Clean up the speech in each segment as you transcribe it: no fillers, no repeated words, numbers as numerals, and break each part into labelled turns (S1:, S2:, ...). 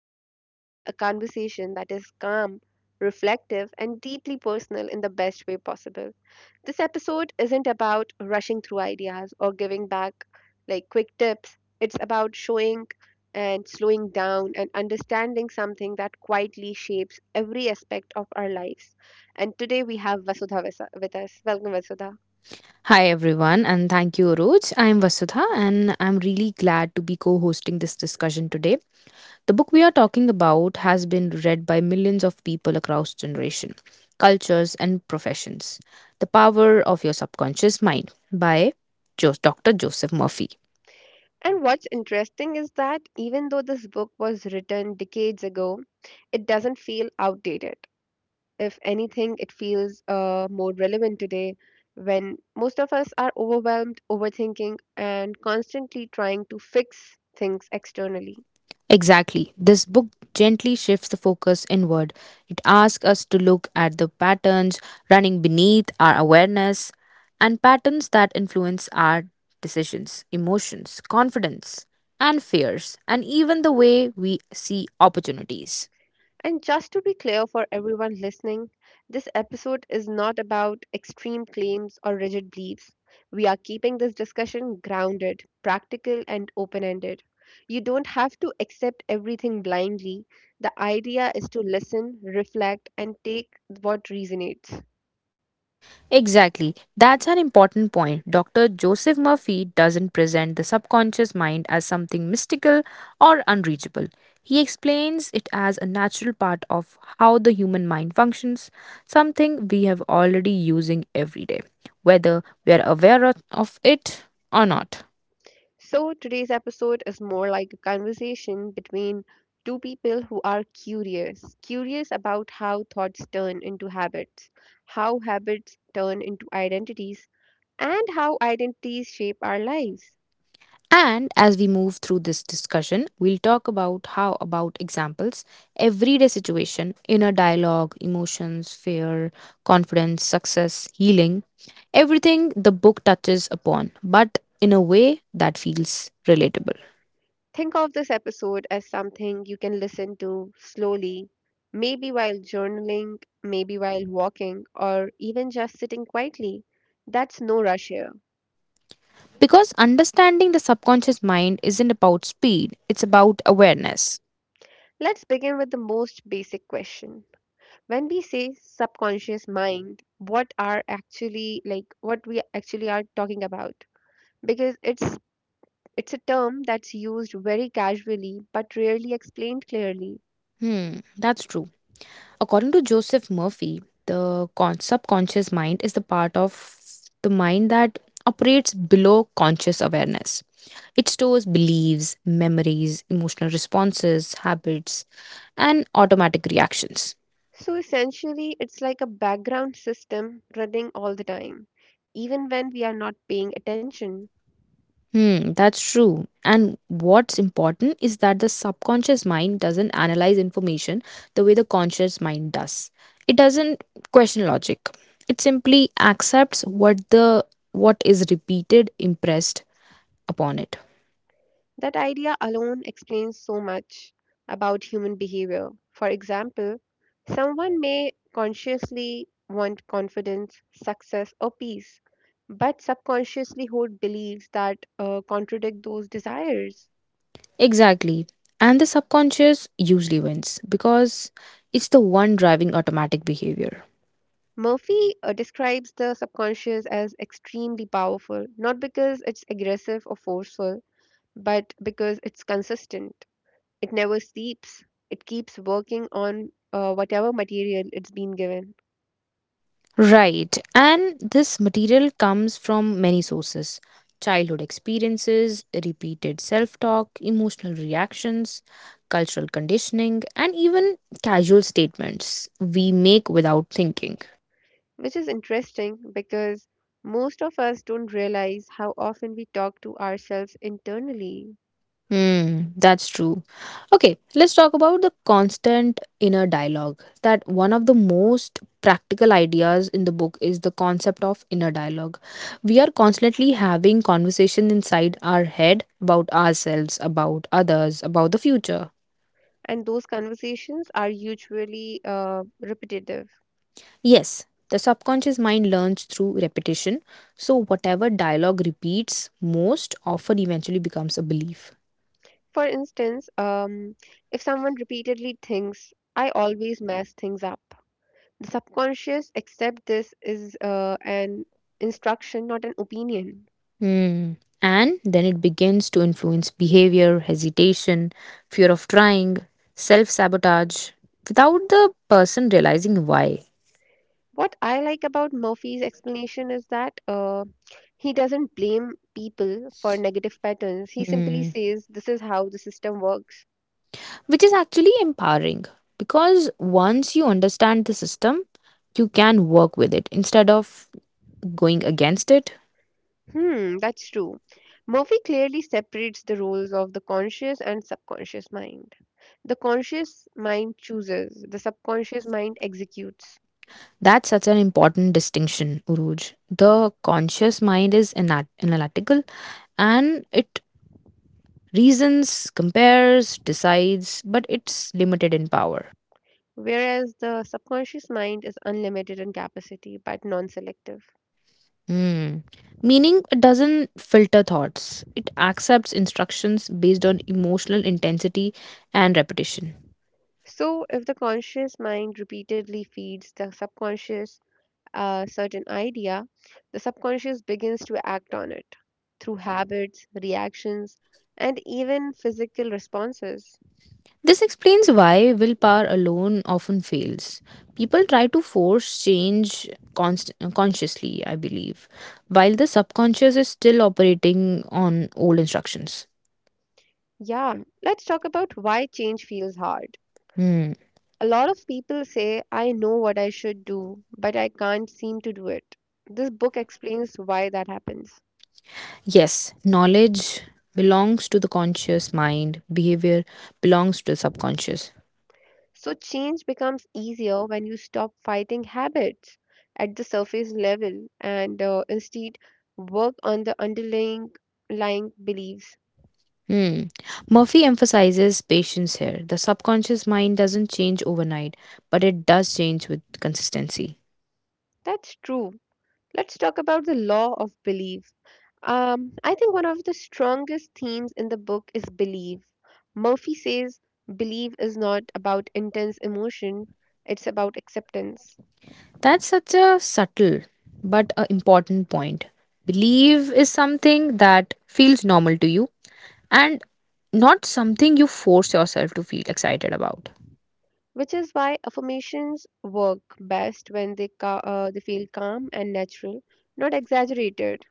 S1: we are starting a conversation that is calm, reflective, and deeply personal in the best way possible. This episode isn't about rushing through ideas or giving back like quick tips, it's about showing and slowing down and understanding something that quietly shapes every aspect of our lives. And today we have Vasudha with us. Welcome, Vasudha.
S2: Hi everyone, and thank you, Roj. I'm Vasudha, and I'm really glad to be co hosting this discussion today. The book we are talking about has been read by millions of people across generation, cultures, and professions. The Power of Your Subconscious Mind by Dr. Joseph Murphy.
S1: And what's interesting is that even though this book was written decades ago, it doesn't feel outdated. If anything, it feels more relevant today when most of us are overwhelmed, overthinking, and constantly trying to fix things externally.
S2: Exactly. This book gently shifts the focus inward. It asks us to look at the patterns running beneath our awareness and patterns that influence our decisions, emotions, confidence, and fears, and even the way we see opportunities.
S1: And just to be clear for everyone listening, this episode is not about extreme claims or rigid beliefs. We are keeping this discussion grounded, practical, and open ended. You don't have to accept everything blindly. The idea is to listen, reflect, and take what resonates.
S2: Exactly. That's an important point. Dr. Joseph Murphy doesn't present the subconscious mind as something mystical or unreachable. He explains it as a natural part of how the human mind functions, something we have already using every day, whether we are aware of it or not.
S1: So, today's episode is more like a conversation between two people who are curious about how thoughts turn into habits, how habits turn into identities, and how identities shape our lives.
S2: And as we move through this discussion, we'll talk about how about examples, everyday situation, inner dialogue, emotions, fear, confidence, success, healing, everything the book touches upon, but in a way that feels relatable.
S1: Think of this episode as something you can listen to slowly, maybe while journaling, maybe while walking, or even just sitting quietly. That's no rush here.
S2: Because understanding the subconscious mind isn't about speed, it's about awareness.
S1: Let's begin with the most basic question. When we say subconscious mind, what are actually, like, what we actually are talking about, because it's a term that's used very casually but rarely explained clearly.
S2: Hmm, that's true. According to Joseph Murphy, the subconscious mind is the part of the mind that operates below conscious awareness. It stores beliefs, memories, emotional responses, habits, and automatic reactions.
S1: So essentially it's like a background system running all the time, even when we are not paying attention.
S2: Hmm, that's true. And what's important is that the subconscious mind doesn't analyze information the way the conscious mind does. It doesn't question logic. It simply accepts what the what is repeated, impressed upon it.
S1: That idea alone explains so much about human behavior. For example, someone may consciously want confidence, success, or peace, but subconsciously hold beliefs that contradict those desires.
S2: Exactly. And the subconscious usually wins because it's the one driving automatic behavior.
S1: Murphy describes the subconscious as extremely powerful, not because it's aggressive or forceful, but because it's consistent. It never sleeps, it keeps working on whatever material it's been given.
S2: Right. And this material comes from many sources: childhood experiences, repeated self talk, emotional reactions, cultural conditioning, and even casual statements we make without thinking.
S1: Which is interesting because most of us don't realize how often we talk to ourselves internally.
S2: Hmm, that's true. Okay, let's talk about the constant inner dialogue. That one of the most practical ideas in the book is the concept of inner dialogue. We are constantly having conversation inside our head about ourselves, about others, about the future.
S1: And those conversations are usually repetitive.
S2: Yes, the subconscious mind learns through repetition, so whatever dialogue repeats most often eventually becomes a belief.
S1: For instance, if someone repeatedly thinks, I always mess things up, the subconscious accepts this is an instruction, not an opinion.
S2: Hmm. And then it begins to influence behavior, hesitation, fear of trying, self sabotage, without the person realizing why.
S1: What I like about Murphy's explanation is that he doesn't blame people for negative patterns. He simply
S2: Hmm.
S1: says, this is how the system works.
S2: Which is actually empowering because once you understand the system, you can work with it instead of going against it.
S1: Hmm, that's true. Murphy clearly separates the roles of the conscious and subconscious mind. The conscious mind chooses, the subconscious mind executes,
S2: That's such an important distinction, Uruj. The conscious mind is analytical and it reasons, compares, decides, but it's limited in power.
S1: whereas the subconscious mind is unlimited in capacity but non selective.
S2: Hmm. Meaning doesn't filter thoughts, it accepts instructions based on emotional intensity and repetition.
S1: So, if the conscious mind repeatedly feeds the subconscious a certain idea, the subconscious begins to act on it through habits, reactions, and even physical responses.
S2: This explains why willpower alone often fails. People try to force change consciously, I believe, while the subconscious is still operating on old instructions.
S1: Yeah, let's talk about why change feels hard.
S2: Hmm.
S1: A lot of people say, I know what I should do, but I can't seem to do it. This book explains why that happens.
S2: Yes, knowledge belongs to the conscious mind, behavior belongs to the subconscious.
S1: So, change becomes easier when you stop fighting habits at the surface level and instead work on the underlying lying beliefs.
S2: Hmm. Murphy emphasizes patience here. The subconscious mind doesn't change overnight, but it does change with consistency.
S1: That's true. Let's talk about the law of belief. I think one of the strongest themes in the book is belief. Murphy says belief is not about intense emotion, it's about acceptance,
S2: That's such a subtle but a important point. Believe is something that feels normal to you and not something you force yourself to feel excited about.
S1: which is why affirmations work best when they feel calm and natural, not exaggerated.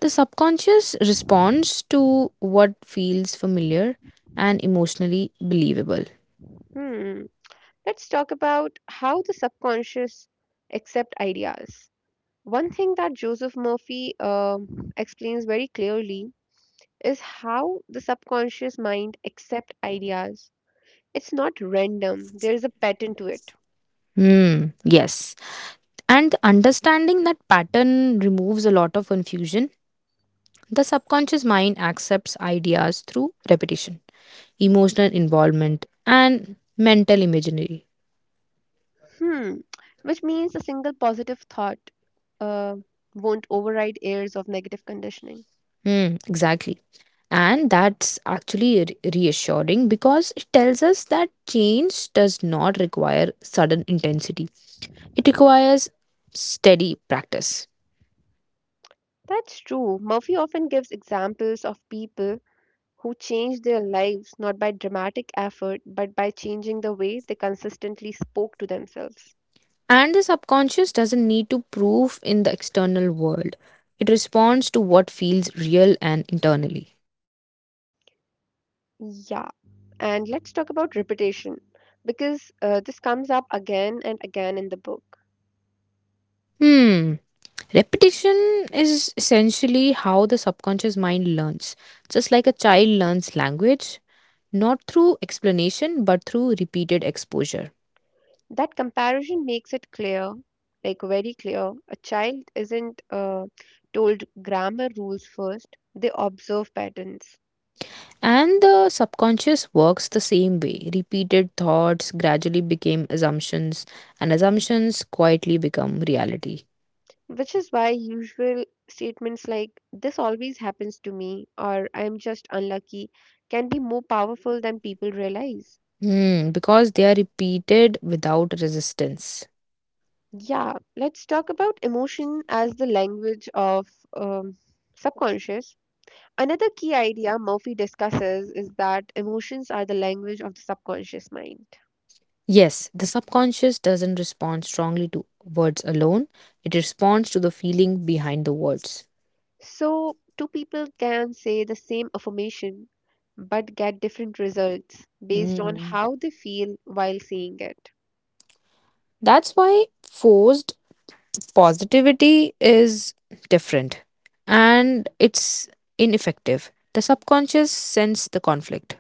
S2: The subconscious responds to what feels familiar and emotionally believable.
S1: Hmm. Let's talk about how the subconscious accept ideas. One thing that Joseph Murphy explains very clearly is how the subconscious mind accepts ideas. It's not random, there is a pattern to it.
S2: Hmm. Yes. And understanding that pattern removes a lot of confusion. The subconscious mind accepts ideas through repetition, emotional involvement, and mental imaginary.
S1: Hmm, which means a single positive thought uh, won't override years of negative conditioning.
S2: Hmm, exactly. And that's actually reassuring because it tells us that change does not require sudden intensity, it requires steady practice.
S1: That's true. Murphy often gives examples of people who changed their lives not by dramatic effort but by changing the way they consistently spoke to themselves.
S2: And the subconscious doesn't need to prove in the external world, it responds to what feels real and internally.
S1: Yeah, and let's talk about repetition because this comes up again and again in the book.
S2: Hmm. Repetition is essentially how the subconscious mind learns. Just like a child learns language, not through explanation but through repeated exposure.
S1: That comparison makes it clear, like very clear, a child isn't told grammar rules first, they observe patterns,
S2: And the subconscious works the same way. Repeated thoughts gradually became assumptions, and assumptions quietly become reality.
S1: which is why usual statements like this always happens to me, or I am just unlucky, can be more powerful than people realize.
S2: Hmm, because they are repeated without resistance.
S1: Yeah, let's talk about emotion as the language of um, subconscious. Another key idea Murphy discusses is that emotions are the language of the subconscious mind.
S2: Yes, the subconscious doesn't respond strongly to words alone, it responds to the feeling behind the words.
S1: So, two people can say the same affirmation but get different results based on
S2: Mm.
S1: how they feel while saying it.
S2: That's why forced positivity is different and it's ineffective. The subconscious sense the conflict.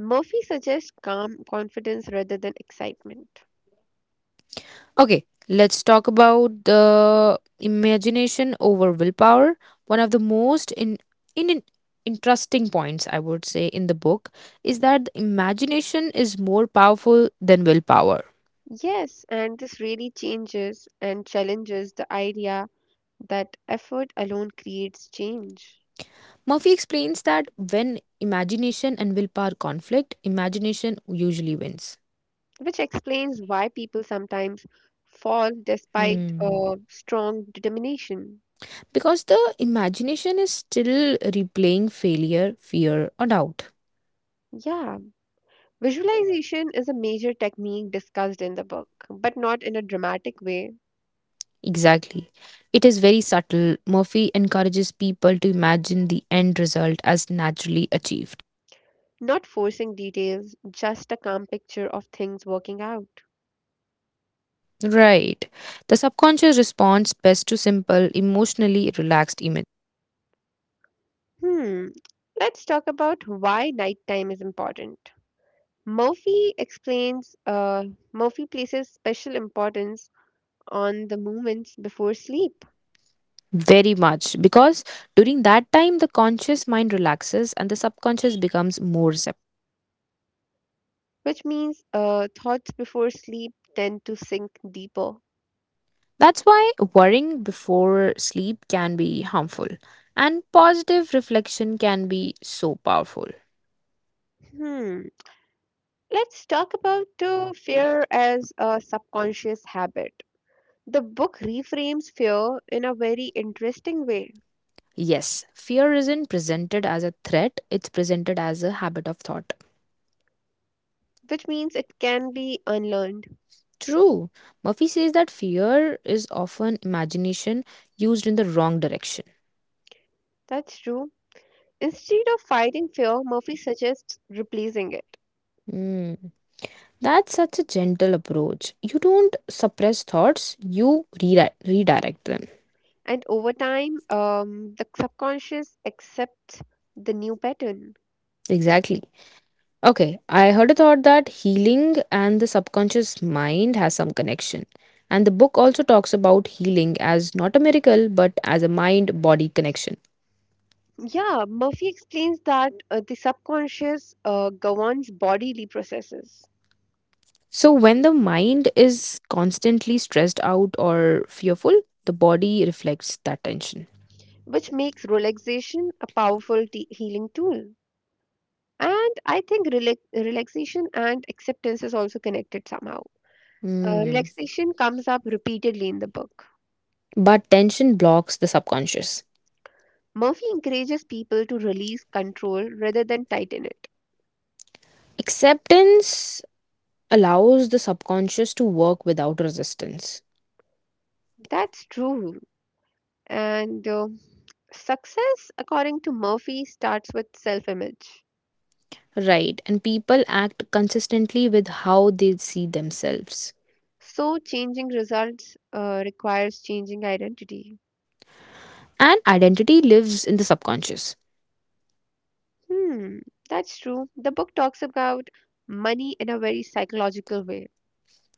S1: Murphy suggests calm confidence rather than excitement.
S2: Okay, let's talk about the imagination over willpower. One of the most in, in- interesting points I would say in the book is that the imagination is more powerful than willpower.
S1: Yes, and this really changes and challenges the idea that effort alone creates change,
S2: Murphy explains that when imagination and willpower conflict, imagination usually wins.
S1: which explains why people sometimes fall despite
S2: Hmm.
S1: a strong determination.
S2: Because the imagination is still replaying failure, fear, or doubt.
S1: Yeah, visualization is a major technique discussed in the book, but not in a dramatic way,
S2: Exactly. It is very subtle. Murphy encourages people to imagine the end result as naturally achieved.
S1: not forcing details, just a calm picture of things working out.
S2: Mm. Right. The subconscious responds best to simple, emotionally relaxed images.
S1: Hmm, let's talk about why nighttime is important. Murphy explains uh, Murphy places special importance on the moments before sleep,
S2: Very much. Because during that time, the conscious mind relaxes and the subconscious becomes more receptive.
S1: which means thoughts before sleep tend to sink deeper.
S2: That's why worrying before sleep can be harmful, and positive reflection can be so powerful.
S1: Hmm. Let's talk about fear as a subconscious habit. The book reframes fear in a very interesting way,
S2: Yes, fear isn't presented as a threat, it's presented as a habit of thought.
S1: which means it can be unlearned.
S2: True. Murphy says that fear is often imagination used in the wrong direction.
S1: That's true. Instead of fighting fear, Murphy suggests replacing it.
S2: Hmm. That's such a gentle approach. You don't suppress thoughts, you redirect them.
S1: And over time, the subconscious accepts the new pattern.
S2: Exactly. Okay, I heard a thought that healing and the subconscious mind has some connection. And the book also talks about healing as not a miracle, but as a mind body connection.
S1: Yeah, Murphy explains that the subconscious governs bodily processes,
S2: So, when the mind is constantly stressed out or fearful, the body reflects that tension.
S1: which makes relaxation a powerful healing tool. And I think relaxation and acceptance is also connected somehow.
S2: Hmm.
S1: Relaxation comes up repeatedly in the book.
S2: But tension blocks the subconscious.
S1: Murphy encourages people to release control rather than tighten it.
S2: Acceptance allows the subconscious to work without resistance.
S1: That's true. And success, according to Murphy, starts with self image.
S2: Right, and people act consistently with how they see themselves.
S1: So, changing results requires changing identity.
S2: And identity lives in the subconscious.
S1: Hmm, that's true. The book talks about money in a very psychological way.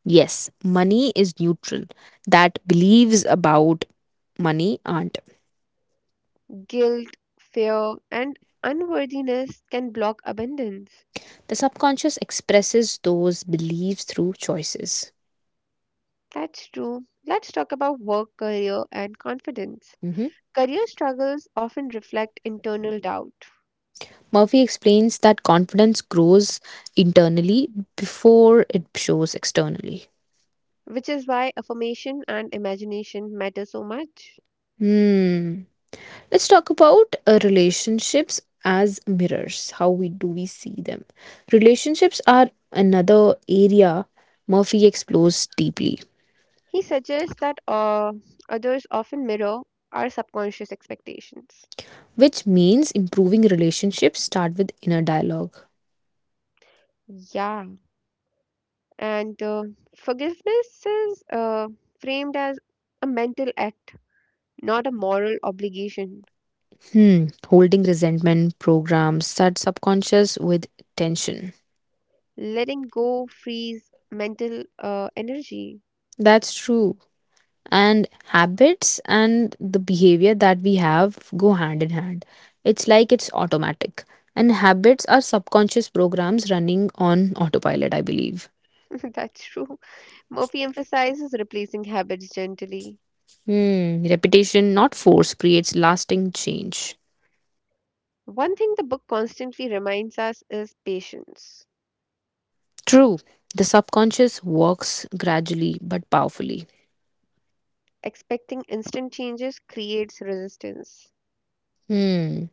S2: Yes, money is neutral. That beliefs about money aren't.
S1: Guilt, fear, and unworthiness can block abundance.
S2: The subconscious expresses those beliefs through choices.
S1: That's true. Let's talk about work, career, and confidence.
S2: Mhm.
S1: Career struggles often reflect internal doubt,
S2: Murphy explains that confidence grows internally before it shows externally.
S1: which is why affirmation and imagination matter so much.
S2: Hmm. Let's talk about relationships as mirrors. How we do we see them? Relationships are another area Murphy explores deeply.
S1: He suggests that others often mirror our subconscious expectations.
S2: Which means improving relationships start with inner dialogue.
S1: Yeah, and forgiveness is framed as a mental act, not a moral obligation.
S2: Hmm, holding resentment programs start subconscious with tension.
S1: Letting go frees mental energy.
S2: That's true. And habits and the behavior that we have go hand in hand. It's like it's automatic. And habits are subconscious programs running on autopilot, I believe.
S1: That's true. Murphy emphasizes replacing habits gently.
S2: Hmm, repetition, not force, creates lasting change.
S1: One thing the book constantly reminds us is patience.
S2: True, the subconscious works gradually but powerfully.
S1: Expecting instant changes creates resistance.
S2: Hmm.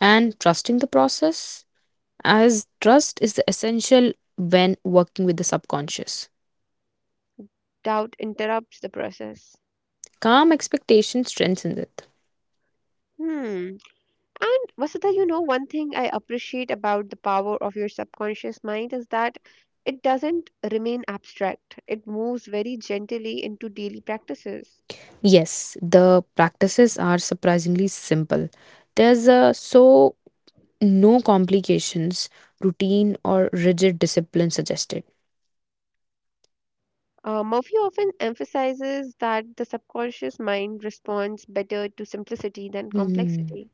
S2: And trusting the process, as trust is the essential when working with the subconscious.
S1: Doubt interrupts the process.
S2: Calm expectation strengthens it.
S1: Hmm. And Vasudha, you know, one thing I appreciate about The Power of Your Subconscious Mind is that it doesn't remain abstract, it moves very gently into daily practices.
S2: Yes, the practices are surprisingly simple. There's so no complications, routine, or rigid discipline suggested.
S1: Murphy often emphasizes that the subconscious mind responds better to simplicity than
S2: Hmm.
S1: complexity.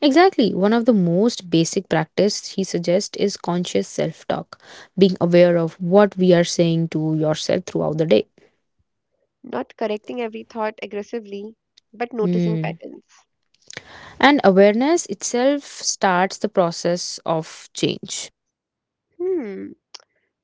S2: Exactly. One of the most basic practice he suggests is conscious self-talk, being aware of what we are saying to yourself throughout the day.
S1: Not correcting every thought aggressively, but noticing
S2: Hmm.
S1: patterns.
S2: And awareness itself starts the process of change.
S1: Hmm,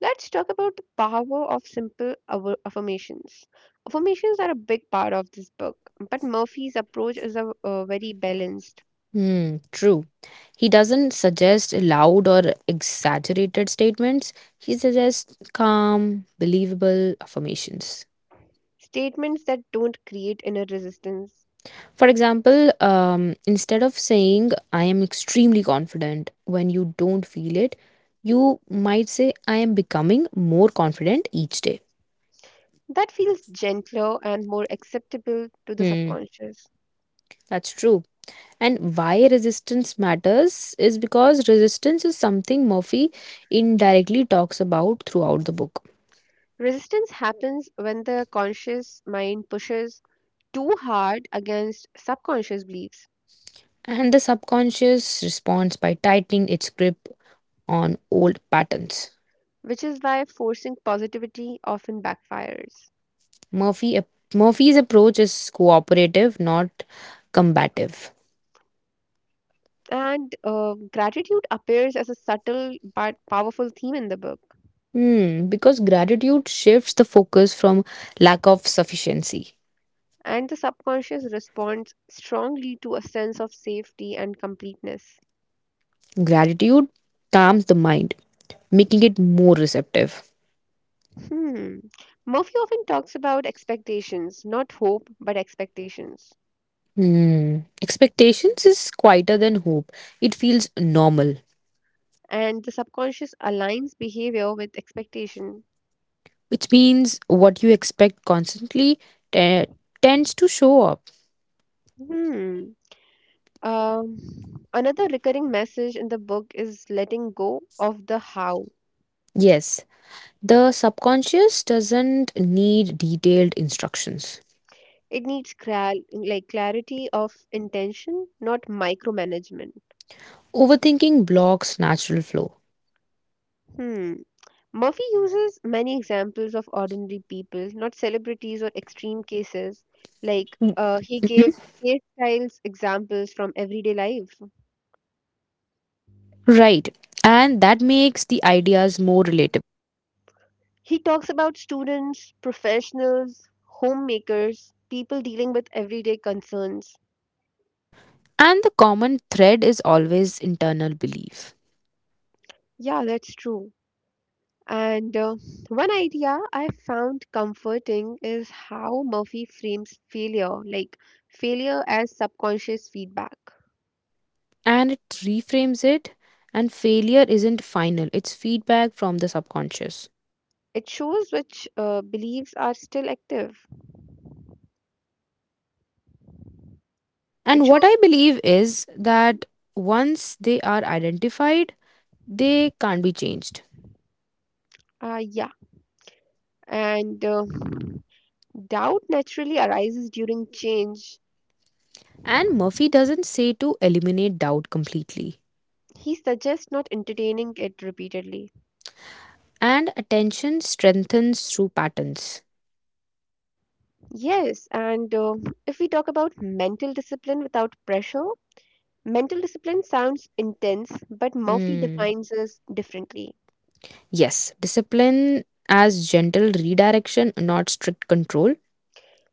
S1: let's talk about the power of simple affirmations. Affirmations are a big part of this book, but Murphy's approach is very balanced.
S2: Hmm, true. He doesn't suggest loud or exaggerated statements. He suggests calm, believable affirmations.
S1: Statements that don't create inner resistance,
S2: For example, instead of saying, I am extremely confident when you don't feel it, you might say, I am becoming more confident each day.
S1: that feels gentler and more acceptable to the
S2: Hmm,
S1: subconscious.
S2: that's true. And why resistance matters is because resistance is something Murphy indirectly talks about throughout the book.
S1: Resistance happens when the conscious mind pushes too hard against subconscious beliefs,
S2: And the subconscious responds by tightening its grip on old patterns.
S1: which is why forcing positivity often backfires.
S2: Murphy, Murphy's approach is cooperative, not combative.
S1: And gratitude appears as a subtle but powerful theme in the book,
S2: Hmm, because gratitude shifts the focus from lack of sufficiency.
S1: and the subconscious responds strongly to a sense of safety and completeness.
S2: Gratitude calms the mind, making it more receptive.
S1: Hmm. Murphy often talks about expectations, not hope, but expectations.
S2: Hmm. Expectations is quieter than hope. It feels normal,
S1: And the subconscious aligns behavior with expectation.
S2: which means what you expect constantly te- tends to show up.
S1: Hmm. Um, another recurring message in the book is letting go of the how.
S2: Yes, the subconscious doesn't need detailed instructions.
S1: It needs like clarity of intention, not micromanagement.
S2: Overthinking blocks natural flow.
S1: Hmm. Murphy uses many examples of ordinary people, not celebrities or extreme cases. Like he gave
S2: Mhm.
S1: case styles examples from everyday life.
S2: Right, and that makes the ideas more relatable.
S1: He talks about students, professionals, homemakers, people dealing with everyday concerns.
S2: And the common thread is always internal belief.
S1: Yeah, that's true. And one idea I found comforting is how Murphy frames failure, like failure as subconscious feedback.
S2: And it reframes it, and failure isn't final, it's feedback from the subconscious.
S1: It shows which beliefs are still active.
S2: And
S1: It
S2: what
S1: shows,
S2: I believe is that once they are identified, they can't be changed.
S1: yeah. And doubt naturally arises during change.
S2: And Murphy doesn't say to eliminate doubt completely.
S1: He suggests not entertaining it repeatedly.
S2: And attention strengthens through patterns.
S1: Yes, and if we talk about mental discipline without pressure, mental discipline sounds intense, but Murphy
S2: Hmm.
S1: defines us differently.
S2: Yes, discipline as gentle redirection, not strict control.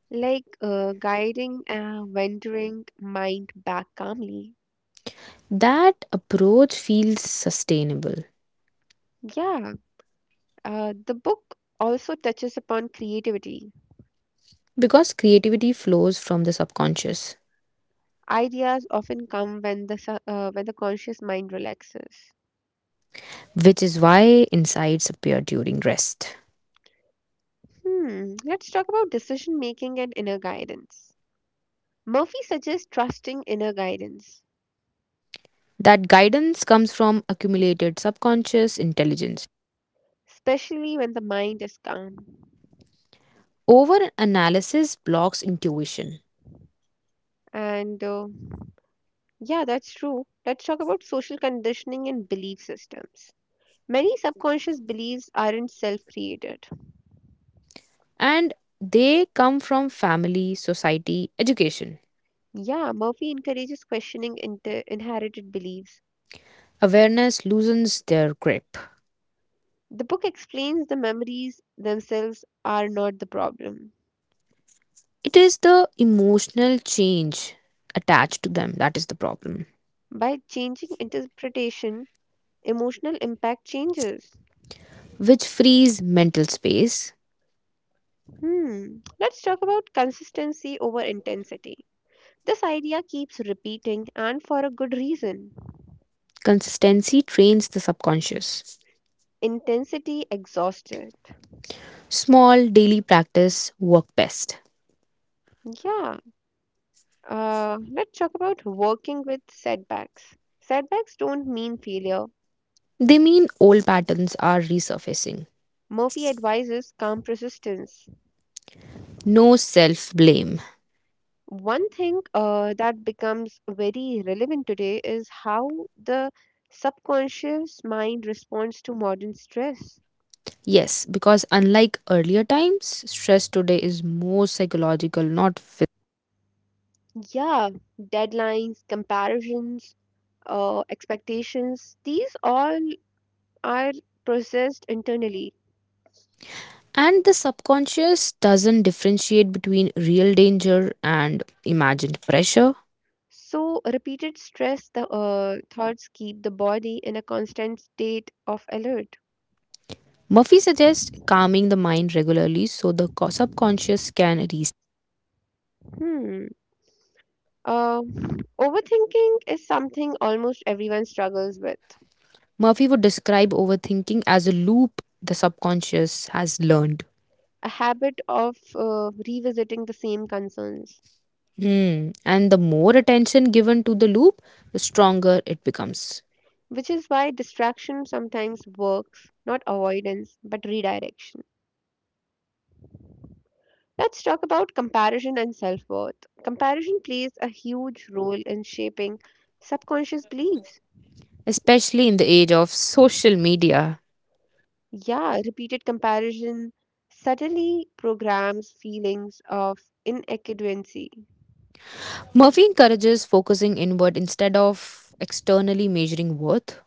S1: Like guiding a wandering mind back calmly.
S2: That approach feels sustainable
S1: Yeah, the book also touches upon creativity.
S2: because creativity flows from the subconscious,
S1: Ideas often come when when the conscious mind relaxes.
S2: which is why insights appear during rest.
S1: Hmm, let's talk about decision making and inner guidance. Murphy suggests trusting inner guidance,
S2: That guidance comes from accumulated subconscious intelligence.
S1: especially when the mind is calm.
S2: Over analysis blocks intuition,
S1: And yeah, that's true. Let's talk about social conditioning and belief systems. Many subconscious beliefs aren't self created.
S2: and they come from family, society, education.
S1: Yeah, Murphy encourages questioning inherited beliefs.
S2: Awareness loosens their grip.
S1: The book explains the memories themselves are not the problem.
S2: It is the emotional change attached to them that is the problem,
S1: By changing interpretation, emotional impact changes.
S2: which frees mental space.
S1: Hmm, let's talk about consistency over intensity. This idea keeps repeating and for a good reason.
S2: Consistency trains the subconscious.
S1: Intensity exhausted.
S2: Small daily practice work best.
S1: Yeah. Let's talk about working with setbacks. Setbacks don't mean failure.
S2: They mean old patterns are resurfacing.
S1: Murphy advises calm persistence.
S2: No self blame.
S1: One thing that becomes very relevant today is how the subconscious mind responds to modern stress.
S2: Yes, because unlike earlier times, stress today is more psychological, not physical.
S1: Yeah, deadlines, comparisons, expectations, these all are processed internally.
S2: And the subconscious doesn't differentiate between real danger and imagined pressure.
S1: So, repeated stress the thoughts keep the body in a constant state of alert.
S2: Murphy suggests calming the mind regularly so the subconscious can reset.
S1: Hmm. Uh, Overthinking is something almost everyone struggles with,
S2: Murphy would describe overthinking as a loop the subconscious has learned.
S1: a habit of revisiting the same concerns,
S2: Hmm. And the more attention given to the loop, the stronger it becomes,
S1: which is why distraction sometimes works, not avoidance, but redirection. Let's talk about comparison and self worth. Comparison plays a huge role in shaping subconscious beliefs.
S2: especially in the age of social media.
S1: Yeah, repeated comparison suddenly programs feelings of inadequacy
S2: Murphy encourages focusing inward instead of externally measuring worth.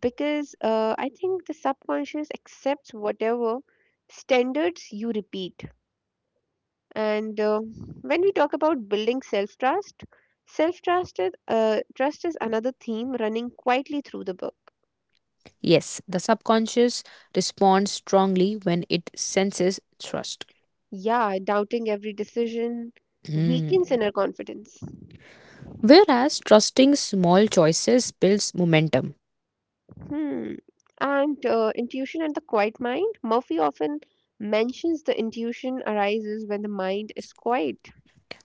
S1: because I think the subconscious accepts whatever standards you repeat. And when we talk about building self trust is another theme running quietly through the book.
S2: Yes, the subconscious responds strongly when it senses trust.
S1: Yeah, doubting every decision weakens
S2: Hmm.
S1: inner confidence.
S2: Whereas trusting small choices builds momentum,
S1: Hmm. And intuition and the quiet mind. Murphy often mentions the intuition arises when the mind is quiet.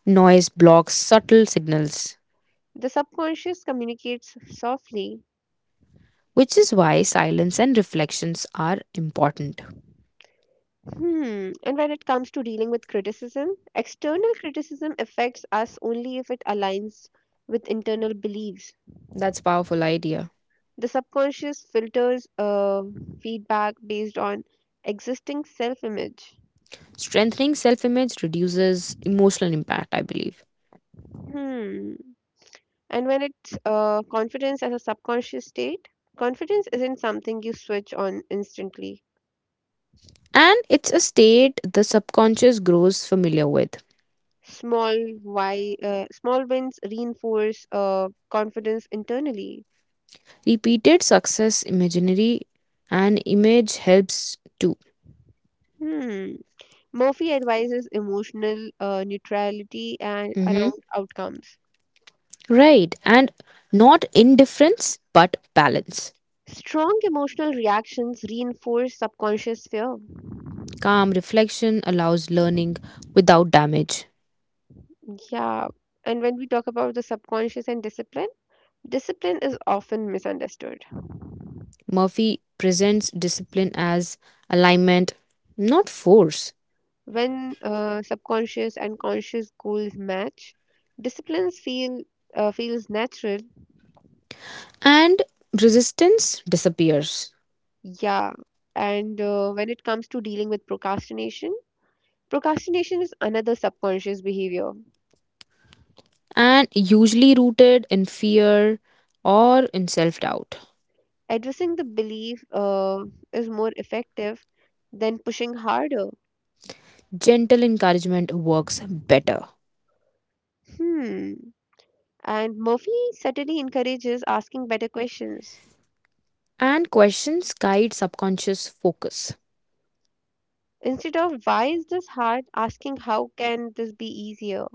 S2: noise blocks subtle signals,
S1: The subconscious communicates softly.
S2: which is why silence and reflections are important.
S1: Hmm. And when it comes to dealing with criticism, external criticism affects us only if it aligns with internal beliefs.
S2: That's a powerful idea.
S1: The subconscious filters feedback based on existing self image.
S2: Strengthening self-image reduces emotional impact, I believe.
S1: Hmm. And when it's confidence as a subconscious state, confidence isn't something you switch on instantly.
S2: And it's a state the subconscious grows familiar with.
S1: Small Small wins reinforce confidence internally.
S2: Repeated success imaginary and image helps too.
S1: Hmm. Murphy advises emotional neutrality and
S2: Mhm.
S1: around outcomes.
S2: Right. And not indifference, but balance.
S1: Strong emotional reactions reinforce subconscious fear.
S2: Calm reflection allows learning without damage.
S1: Yeah. And when we talk about the subconscious and discipline, discipline is often misunderstood.
S2: Murphy presents discipline as alignment, not force.
S1: When subconscious and conscious goals match, disciplines feels natural.
S2: And resistance disappears
S1: Yeah, and when it comes to dealing with procrastination, procrastination is another subconscious behavior.
S2: and usually rooted in fear or in self doubt.
S1: Addressing the belief is more effective than pushing harder.
S2: Gentle encouragement works better.
S1: Hmm. And Murphy certainly encourages asking better questions.
S2: And questions guide subconscious focus.
S1: Instead of why is this hard, asking how can this be easier?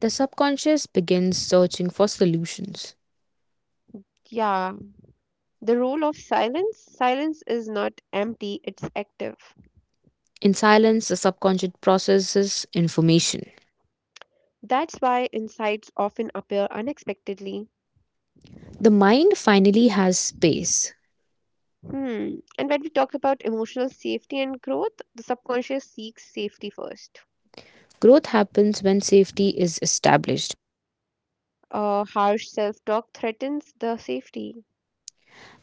S2: The subconscious begins searching for solutions.
S1: Yeah, the role of silence silence is not empty, it's active.
S2: In silence, the subconscious processes information.
S1: That's why insights often appear unexpectedly.
S2: The mind finally has space.
S1: Hmm. And when we talk about emotional safety and growth, the subconscious seeks safety first.
S2: Growth happens when safety is established,
S1: Harsh self talk threatens the safety.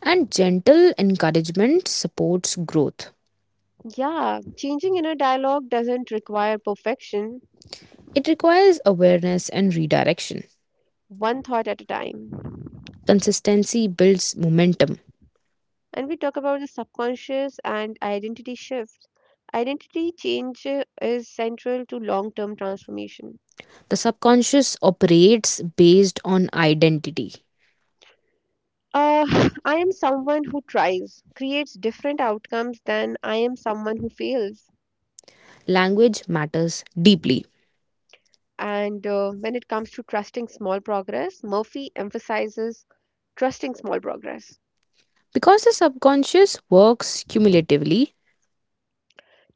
S2: and gentle encouragement supports growth.
S1: Yeah, changing inner dialogue doesn't require perfection,
S2: It requires awareness and redirection.
S1: one thought at a time.
S2: Consistency builds momentum.
S1: And we talk about the subconscious and identity shift. Identity change is central to long term transformation.
S2: The subconscious operates based on identity.
S1: Uh, I am someone who tries, creates different outcomes than I am someone who fails.
S2: Language matters deeply.
S1: And when it comes to trusting small progress, Murphy emphasizes trusting small progress.
S2: Because the subconscious works cumulatively,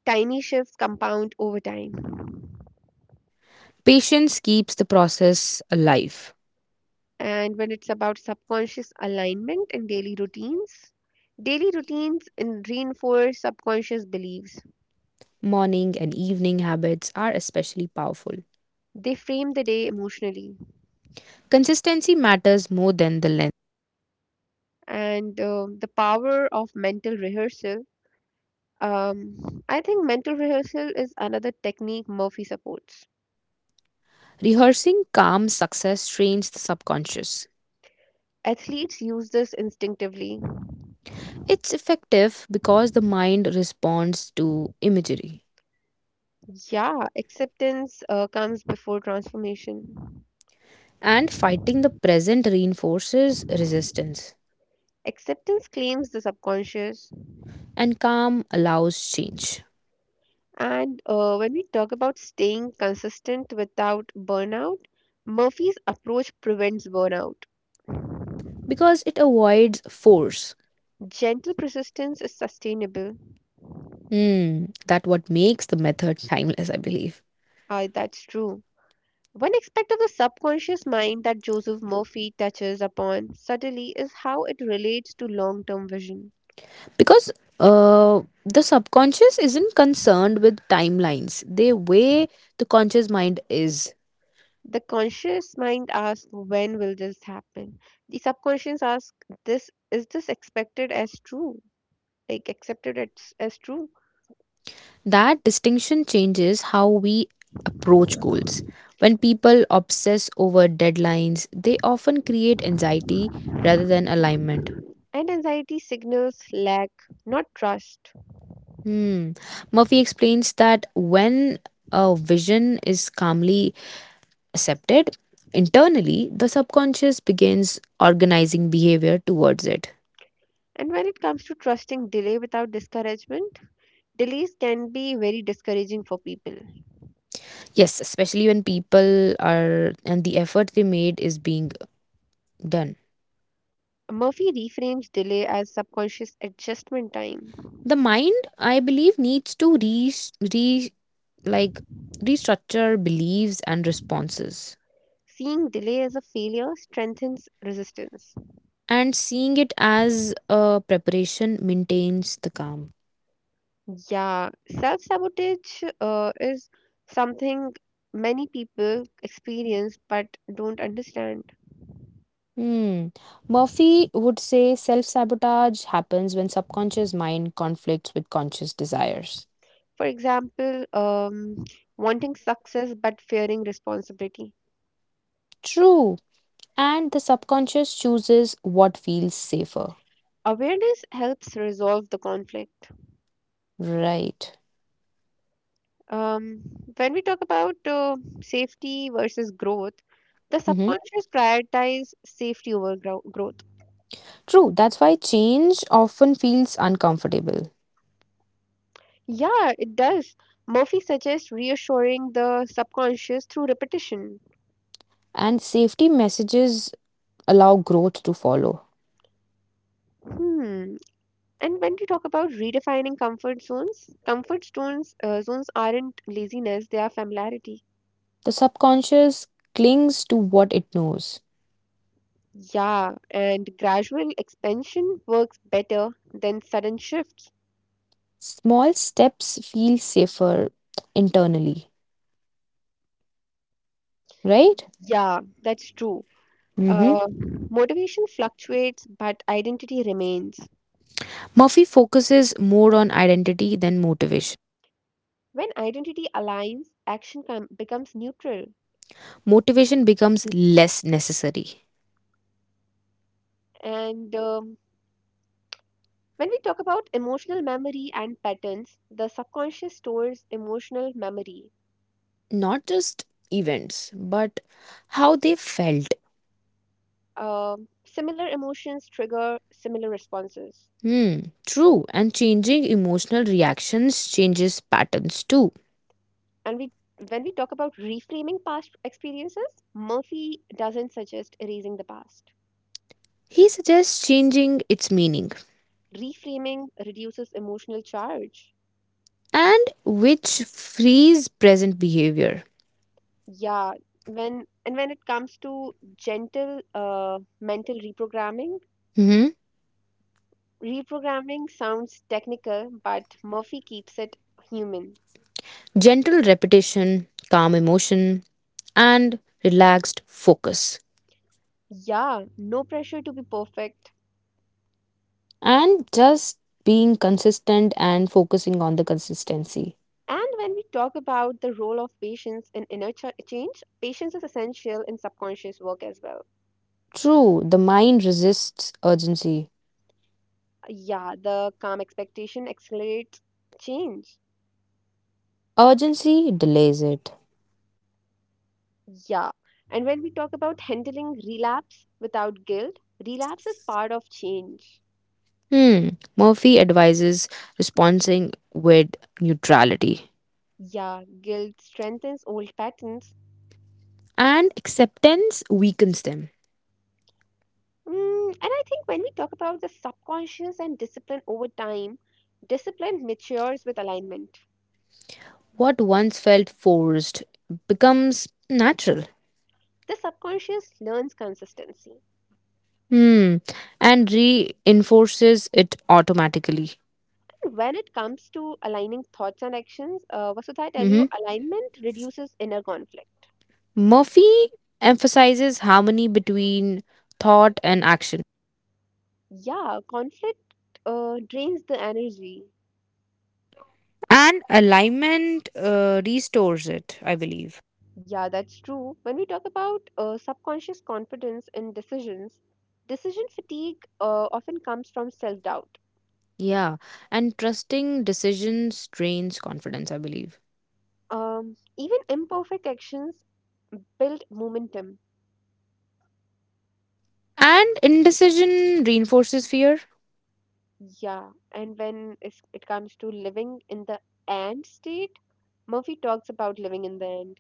S1: Tiny shifts compound over time.
S2: patience keeps the process alive.
S1: And when it's about subconscious alignment in daily routines, reinforce subconscious beliefs.
S2: Morning and evening habits are especially powerful.
S1: They frame the day emotionally.
S2: Consistency matters more than the length.
S1: And the power of mental rehearsal. I think mental rehearsal is another technique Murphy supports.
S2: Rehearsing calm success trains the subconscious.
S1: Athletes use this instinctively.
S2: It's effective because the mind responds to imagery.
S1: Yeah, acceptance comes before transformation.
S2: And fighting the present reinforces resistance.
S1: Acceptance claims the subconscious.
S2: And calm allows change
S1: And when we talk about staying consistent without burnout, Murphy's approach prevents burnout.
S2: because it avoids force.
S1: Gentle persistence is sustainable.
S2: Hmm, that what makes the method timeless, I believe.
S1: Ah, that's true. One aspect of the subconscious mind that Joseph Murphy touches upon subtly is how it relates to long term vision.
S2: Because the subconscious isn't concerned with timelines, the way the conscious mind is.
S1: The conscious mind asks, when will this happen? The subconscious asks, is this expected as true? Like accepted as true?
S2: That distinction changes how we approach goals. When people obsess over deadlines, they often create anxiety rather than alignment.
S1: And anxiety signals lack, not trust.
S2: Hmm. Murphy explains that when a vision is calmly accepted, internally the subconscious begins organizing behavior towards it.
S1: And when it comes to trusting delay without discouragement, delays can be very discouraging for people.
S2: Yes, especially when people are and the effort they made is being done.
S1: Murphy reframes delay as subconscious adjustment time.
S2: The mind, I believe, needs to re, re like restructure beliefs and responses.
S1: Seeing delay as a failure strengthens resistance.
S2: And seeing it as a preparation maintains the calm.
S1: Yeah, self sabotage is something many people experience but don't understand.
S2: Hmm. Murphy would say self sabotage happens when subconscious mind conflicts with conscious desires.
S1: For example, wanting success but fearing responsibility.
S2: True, and the subconscious chooses what feels safer.
S1: Awareness helps resolve the conflict.
S2: Right.
S1: Um, when we talk about safety versus growth, the
S2: Hmm.
S1: subconscious prioritizes safety over grow- growth
S2: True. That's why change often feels uncomfortable,
S1: Yeah, it does. Murphy suggests reassuring the subconscious through repetition.
S2: and safety messages allow growth to follow.
S1: Hmm. And when we talk about redefining comfort zones, comfort zones aren't laziness; they are familiarity.
S2: The subconscious clings to what it knows.
S1: Yeah, and gradual expansion works better than sudden shifts.
S2: Small steps feel safer internally, right?
S1: Yeah, that's true.
S2: Hmm.
S1: Uh, Motivation fluctuates, but identity remains.
S2: Murphy focuses more on identity than motivation.
S1: When identity aligns, becomes neutral.
S2: Motivation becomes less necessary.
S1: And when we talk about emotional memory and patterns, the subconscious stores emotional memory.
S2: Not just events, but how they felt.
S1: Similar emotions trigger similar responses.
S2: Hmm, true, and changing emotional reactions changes patterns too.
S1: And we, when we talk about reframing past experiences, Murphy doesn't suggest erasing the past.
S2: He suggests changing its meaning
S1: Reframing reduces emotional charge.
S2: and which frees present behavior.
S1: Yeah, when it comes to gentle mental reprogramming,
S2: Hmm.
S1: reprogramming sounds technical, but Murphy keeps it human.
S2: Gentle repetition, calm emotion, and relaxed focus.
S1: Yeah, no pressure to be perfect.
S2: And just being consistent and focusing on the consistency.
S1: And when we talk about the role of patience in change, patience is essential in subconscious work as well.
S2: True, the mind resists urgency.
S1: Yeah, the calm expectation accelerates change.
S2: Urgency delays it.
S1: Yeah. And when we talk about handling relapse without guilt, relapse is part of change.
S2: Hmm. Murphy advises responding with neutrality.
S1: Yeah, guilt strengthens old patterns.
S2: And acceptance weakens them.
S1: Mm, and I think when we talk about the subconscious and discipline over time, discipline matures with alignment.
S2: What once felt forced becomes natural.
S1: The subconscious learns consistency.
S2: Hmm. And reinforces it automatically.
S1: And when it comes to aligning thoughts and actions, Vasudha, I tell you,
S2: Hmm.
S1: alignment reduces inner conflict.
S2: Murphy emphasizes harmony between thought and action.
S1: Yeah, conflict drains the energy.
S2: And alignment restores it, I believe.
S1: Yeah, that's true. When we talk about subconscious confidence in decisions, decision fatigue often comes from self doubt.
S2: Yeah. And trusting decisions drains confidence, I believe.
S1: Even imperfect actions build momentum.
S2: And indecision reinforces fear,
S1: Yeah, and it comes to living in the and state, Murphy talks about living in the end,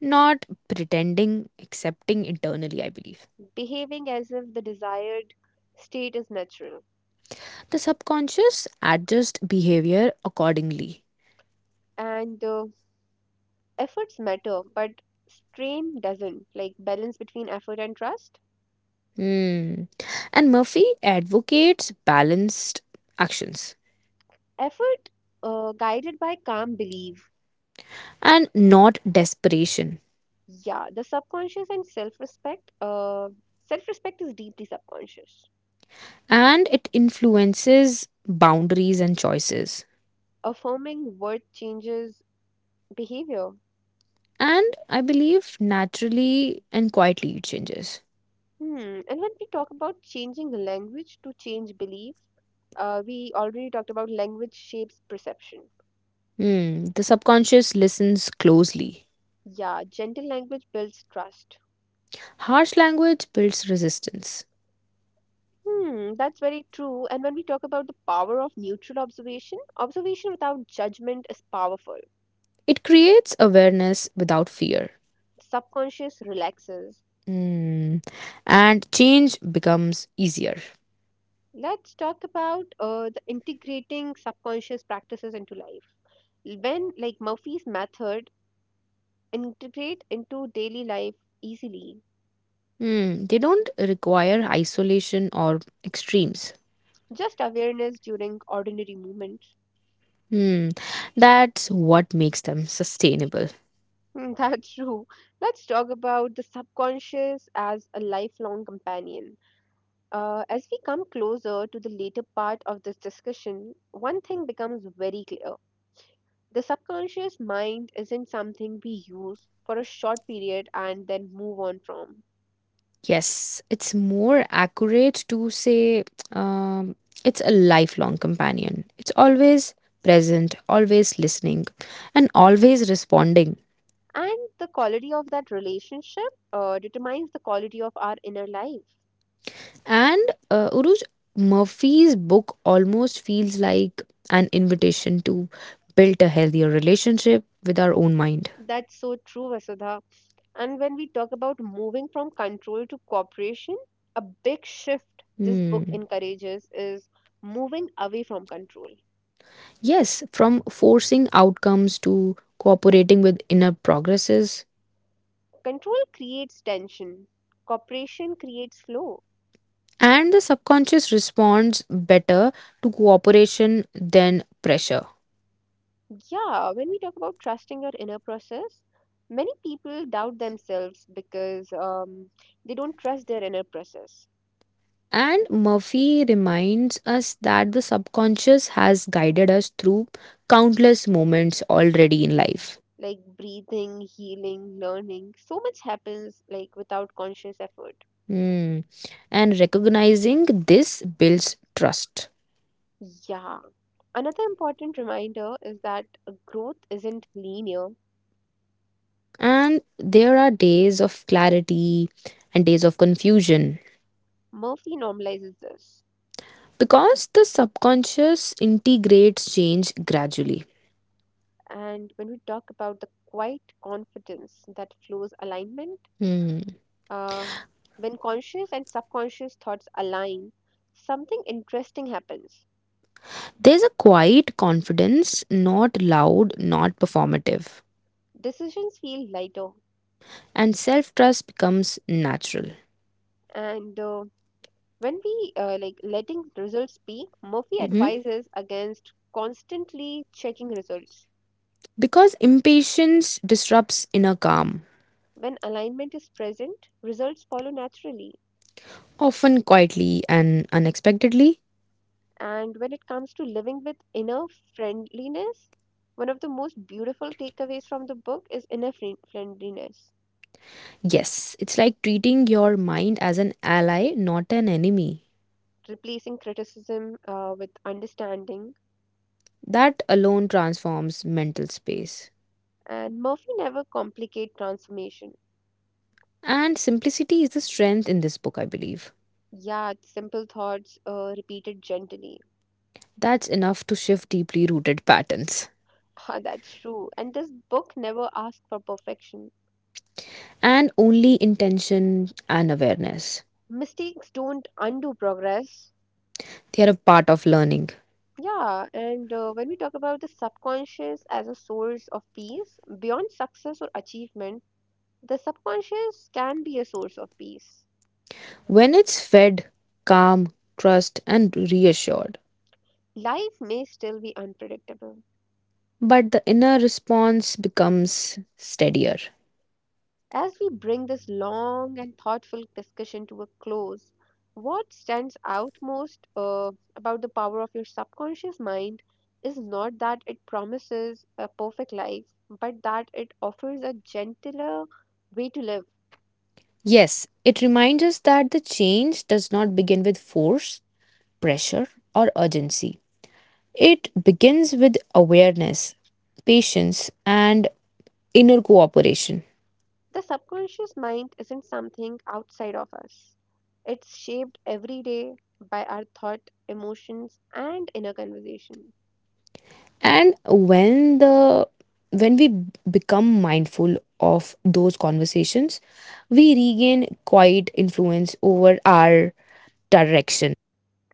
S2: not pretending, accepting internally, I believe.
S1: behaving as if the desired state is natural.
S2: The subconscious adjusts behavior accordingly.
S1: And efforts matter, but strain doesn't, like balance between effort and trust.
S2: Hmm. And Murphy advocates balanced actions
S1: Effort guided by calm belief.
S2: and not desperation.
S1: Yeah, the subconscious and self respect. Self respect is deeply subconscious.
S2: And it influences boundaries and choices.
S1: Affirming worth changes behavior.
S2: And I believe naturally and quietly it changes.
S1: Hmm. And when we talk about changing language to change beliefs, we already talked about language shapes perception.
S2: Hmm. The subconscious listens closely.
S1: Yeah, gentle language builds trust.
S2: Harsh language builds resistance.
S1: Hmm, that's very true. And when we talk about the power of neutral observation, observation without judgment is powerful.
S2: It creates awareness without fear.
S1: Subconscious relaxes.
S2: Hmm. And change becomes easier.
S1: Let's talk about the integrating subconscious practices into life. When, like Murphy's method, integrate into daily life easily,
S2: Hmm. They don't require isolation or extremes.
S1: just awareness during ordinary moments.
S2: Hmm. That's what makes them sustainable.
S1: Mm, that's true. Let's talk about the subconscious as a lifelong companion. As we come closer to the later part of this discussion, one thing becomes very clear. The subconscious mind isn't something we use for a short period and then move on from.
S2: Yes, it's more accurate to say um, it's a lifelong companion. It's always present, always listening, and always responding.
S1: And the quality of that relationship determines the quality of our inner life.
S2: And Uruj, Murphy's book almost feels like an invitation to build a healthier relationship with our own mind.
S1: That's so true, Vasudha. And when we talk about moving from control to cooperation, a big shift this book
S2: Hmm.
S1: encourages is moving away from control.
S2: Yes, from forcing outcomes to cooperating with inner progresses.
S1: Control creates tension, cooperation creates flow.
S2: And the subconscious responds better to cooperation than pressure.
S1: Yeah, when we talk about trusting your inner process, many people doubt themselves because they don't trust their inner process.
S2: And Murphy reminds us that the subconscious has guided us through countless moments already in life.
S1: Like breathing, healing, learning, so much happens like without conscious effort.
S2: Hmm. And recognizing this builds trust.
S1: Yeah. Another important reminder is that growth isn't linear.
S2: And there are days of clarity and days of confusion
S1: Murphy normalizes this.
S2: because the subconscious integrates change gradually.
S1: And when we talk about the quiet confidence that flows alignment,
S2: Hmm.
S1: uh, when conscious and subconscious thoughts align, something interesting happens.
S2: There's a quiet confidence, not loud, not performative.
S1: Decisions feel lighter.
S2: And self trust becomes natural.
S1: And when we like letting results speak, Murphy
S2: Mhm.
S1: advises against constantly checking results.
S2: Because impatience disrupts inner calm,
S1: When alignment is present, results follow naturally.
S2: often quietly and unexpectedly.
S1: And when it comes to living with inner friendliness, one of the most beautiful takeaways from the book is friendliness,
S2: Yes, it's like treating your mind as an ally, not an enemy.
S1: replacing criticism with understanding.
S2: That alone transforms mental space.
S1: And Murphy never complicate transformation.
S2: And simplicity is the strength in this book, I believe.
S1: Yeah, it's simple thoughts repeated gently.
S2: That's enough to shift deeply rooted patterns.
S1: Ah, that's true. And this book never asks for perfection.
S2: And only intention and awareness.
S1: Mistakes don't undo progress.
S2: They are a part of learning.
S1: Yeah, and when we talk about the subconscious as a source of peace, beyond success or achievement, the subconscious can be a source of peace.
S2: When it's fed, calm, trust, and reassured.
S1: Life may still be unpredictable.
S2: But the inner response becomes steadier.
S1: As we bring this long and thoughtful discussion to a close, what stands out most about the power of your subconscious mind is not that it promises a perfect life, but that it offers a gentler way to live.
S2: Yes, it reminds us that the change does not begin with force, pressure, or urgency. It begins with awareness, patience, and inner cooperation.
S1: The subconscious mind isn't something outside of us, it's shaped every day by our thought, emotions, and inner conversation.
S2: And when the when we become mindful of those conversations, we regain quiet influence over our direction.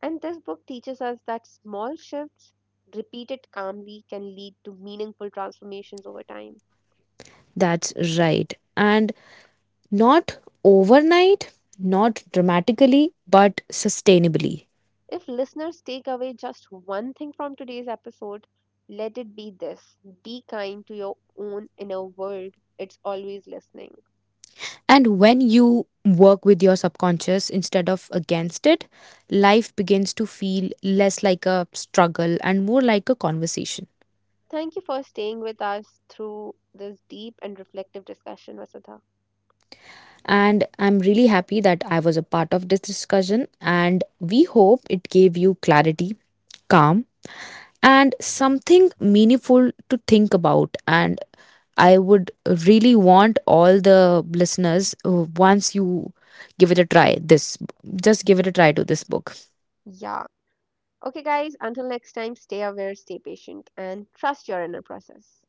S1: And this book teaches us that small shifts, repeated calmly, can lead to meaningful transformations over time.
S2: That's right. And not overnight, not dramatically, but sustainably.
S1: If listeners take away just one thing from today's episode, let it be this: be kind to your own inner world. It's always listening.
S2: And when you work with your subconscious instead of against it, life begins to feel less like a struggle and more like a conversation.
S1: Thank you for staying with us through this deep and reflective discussion, Vasudha.
S2: And I'm really happy that I was a part of this discussion, and we hope it gave you clarity, calm, and something meaningful to think about. And I would really want all the listeners, once you give it a try, this just give it a try to this book.
S1: Yeah. Okay, guys, until next time, stay aware, stay patient, and trust your inner process.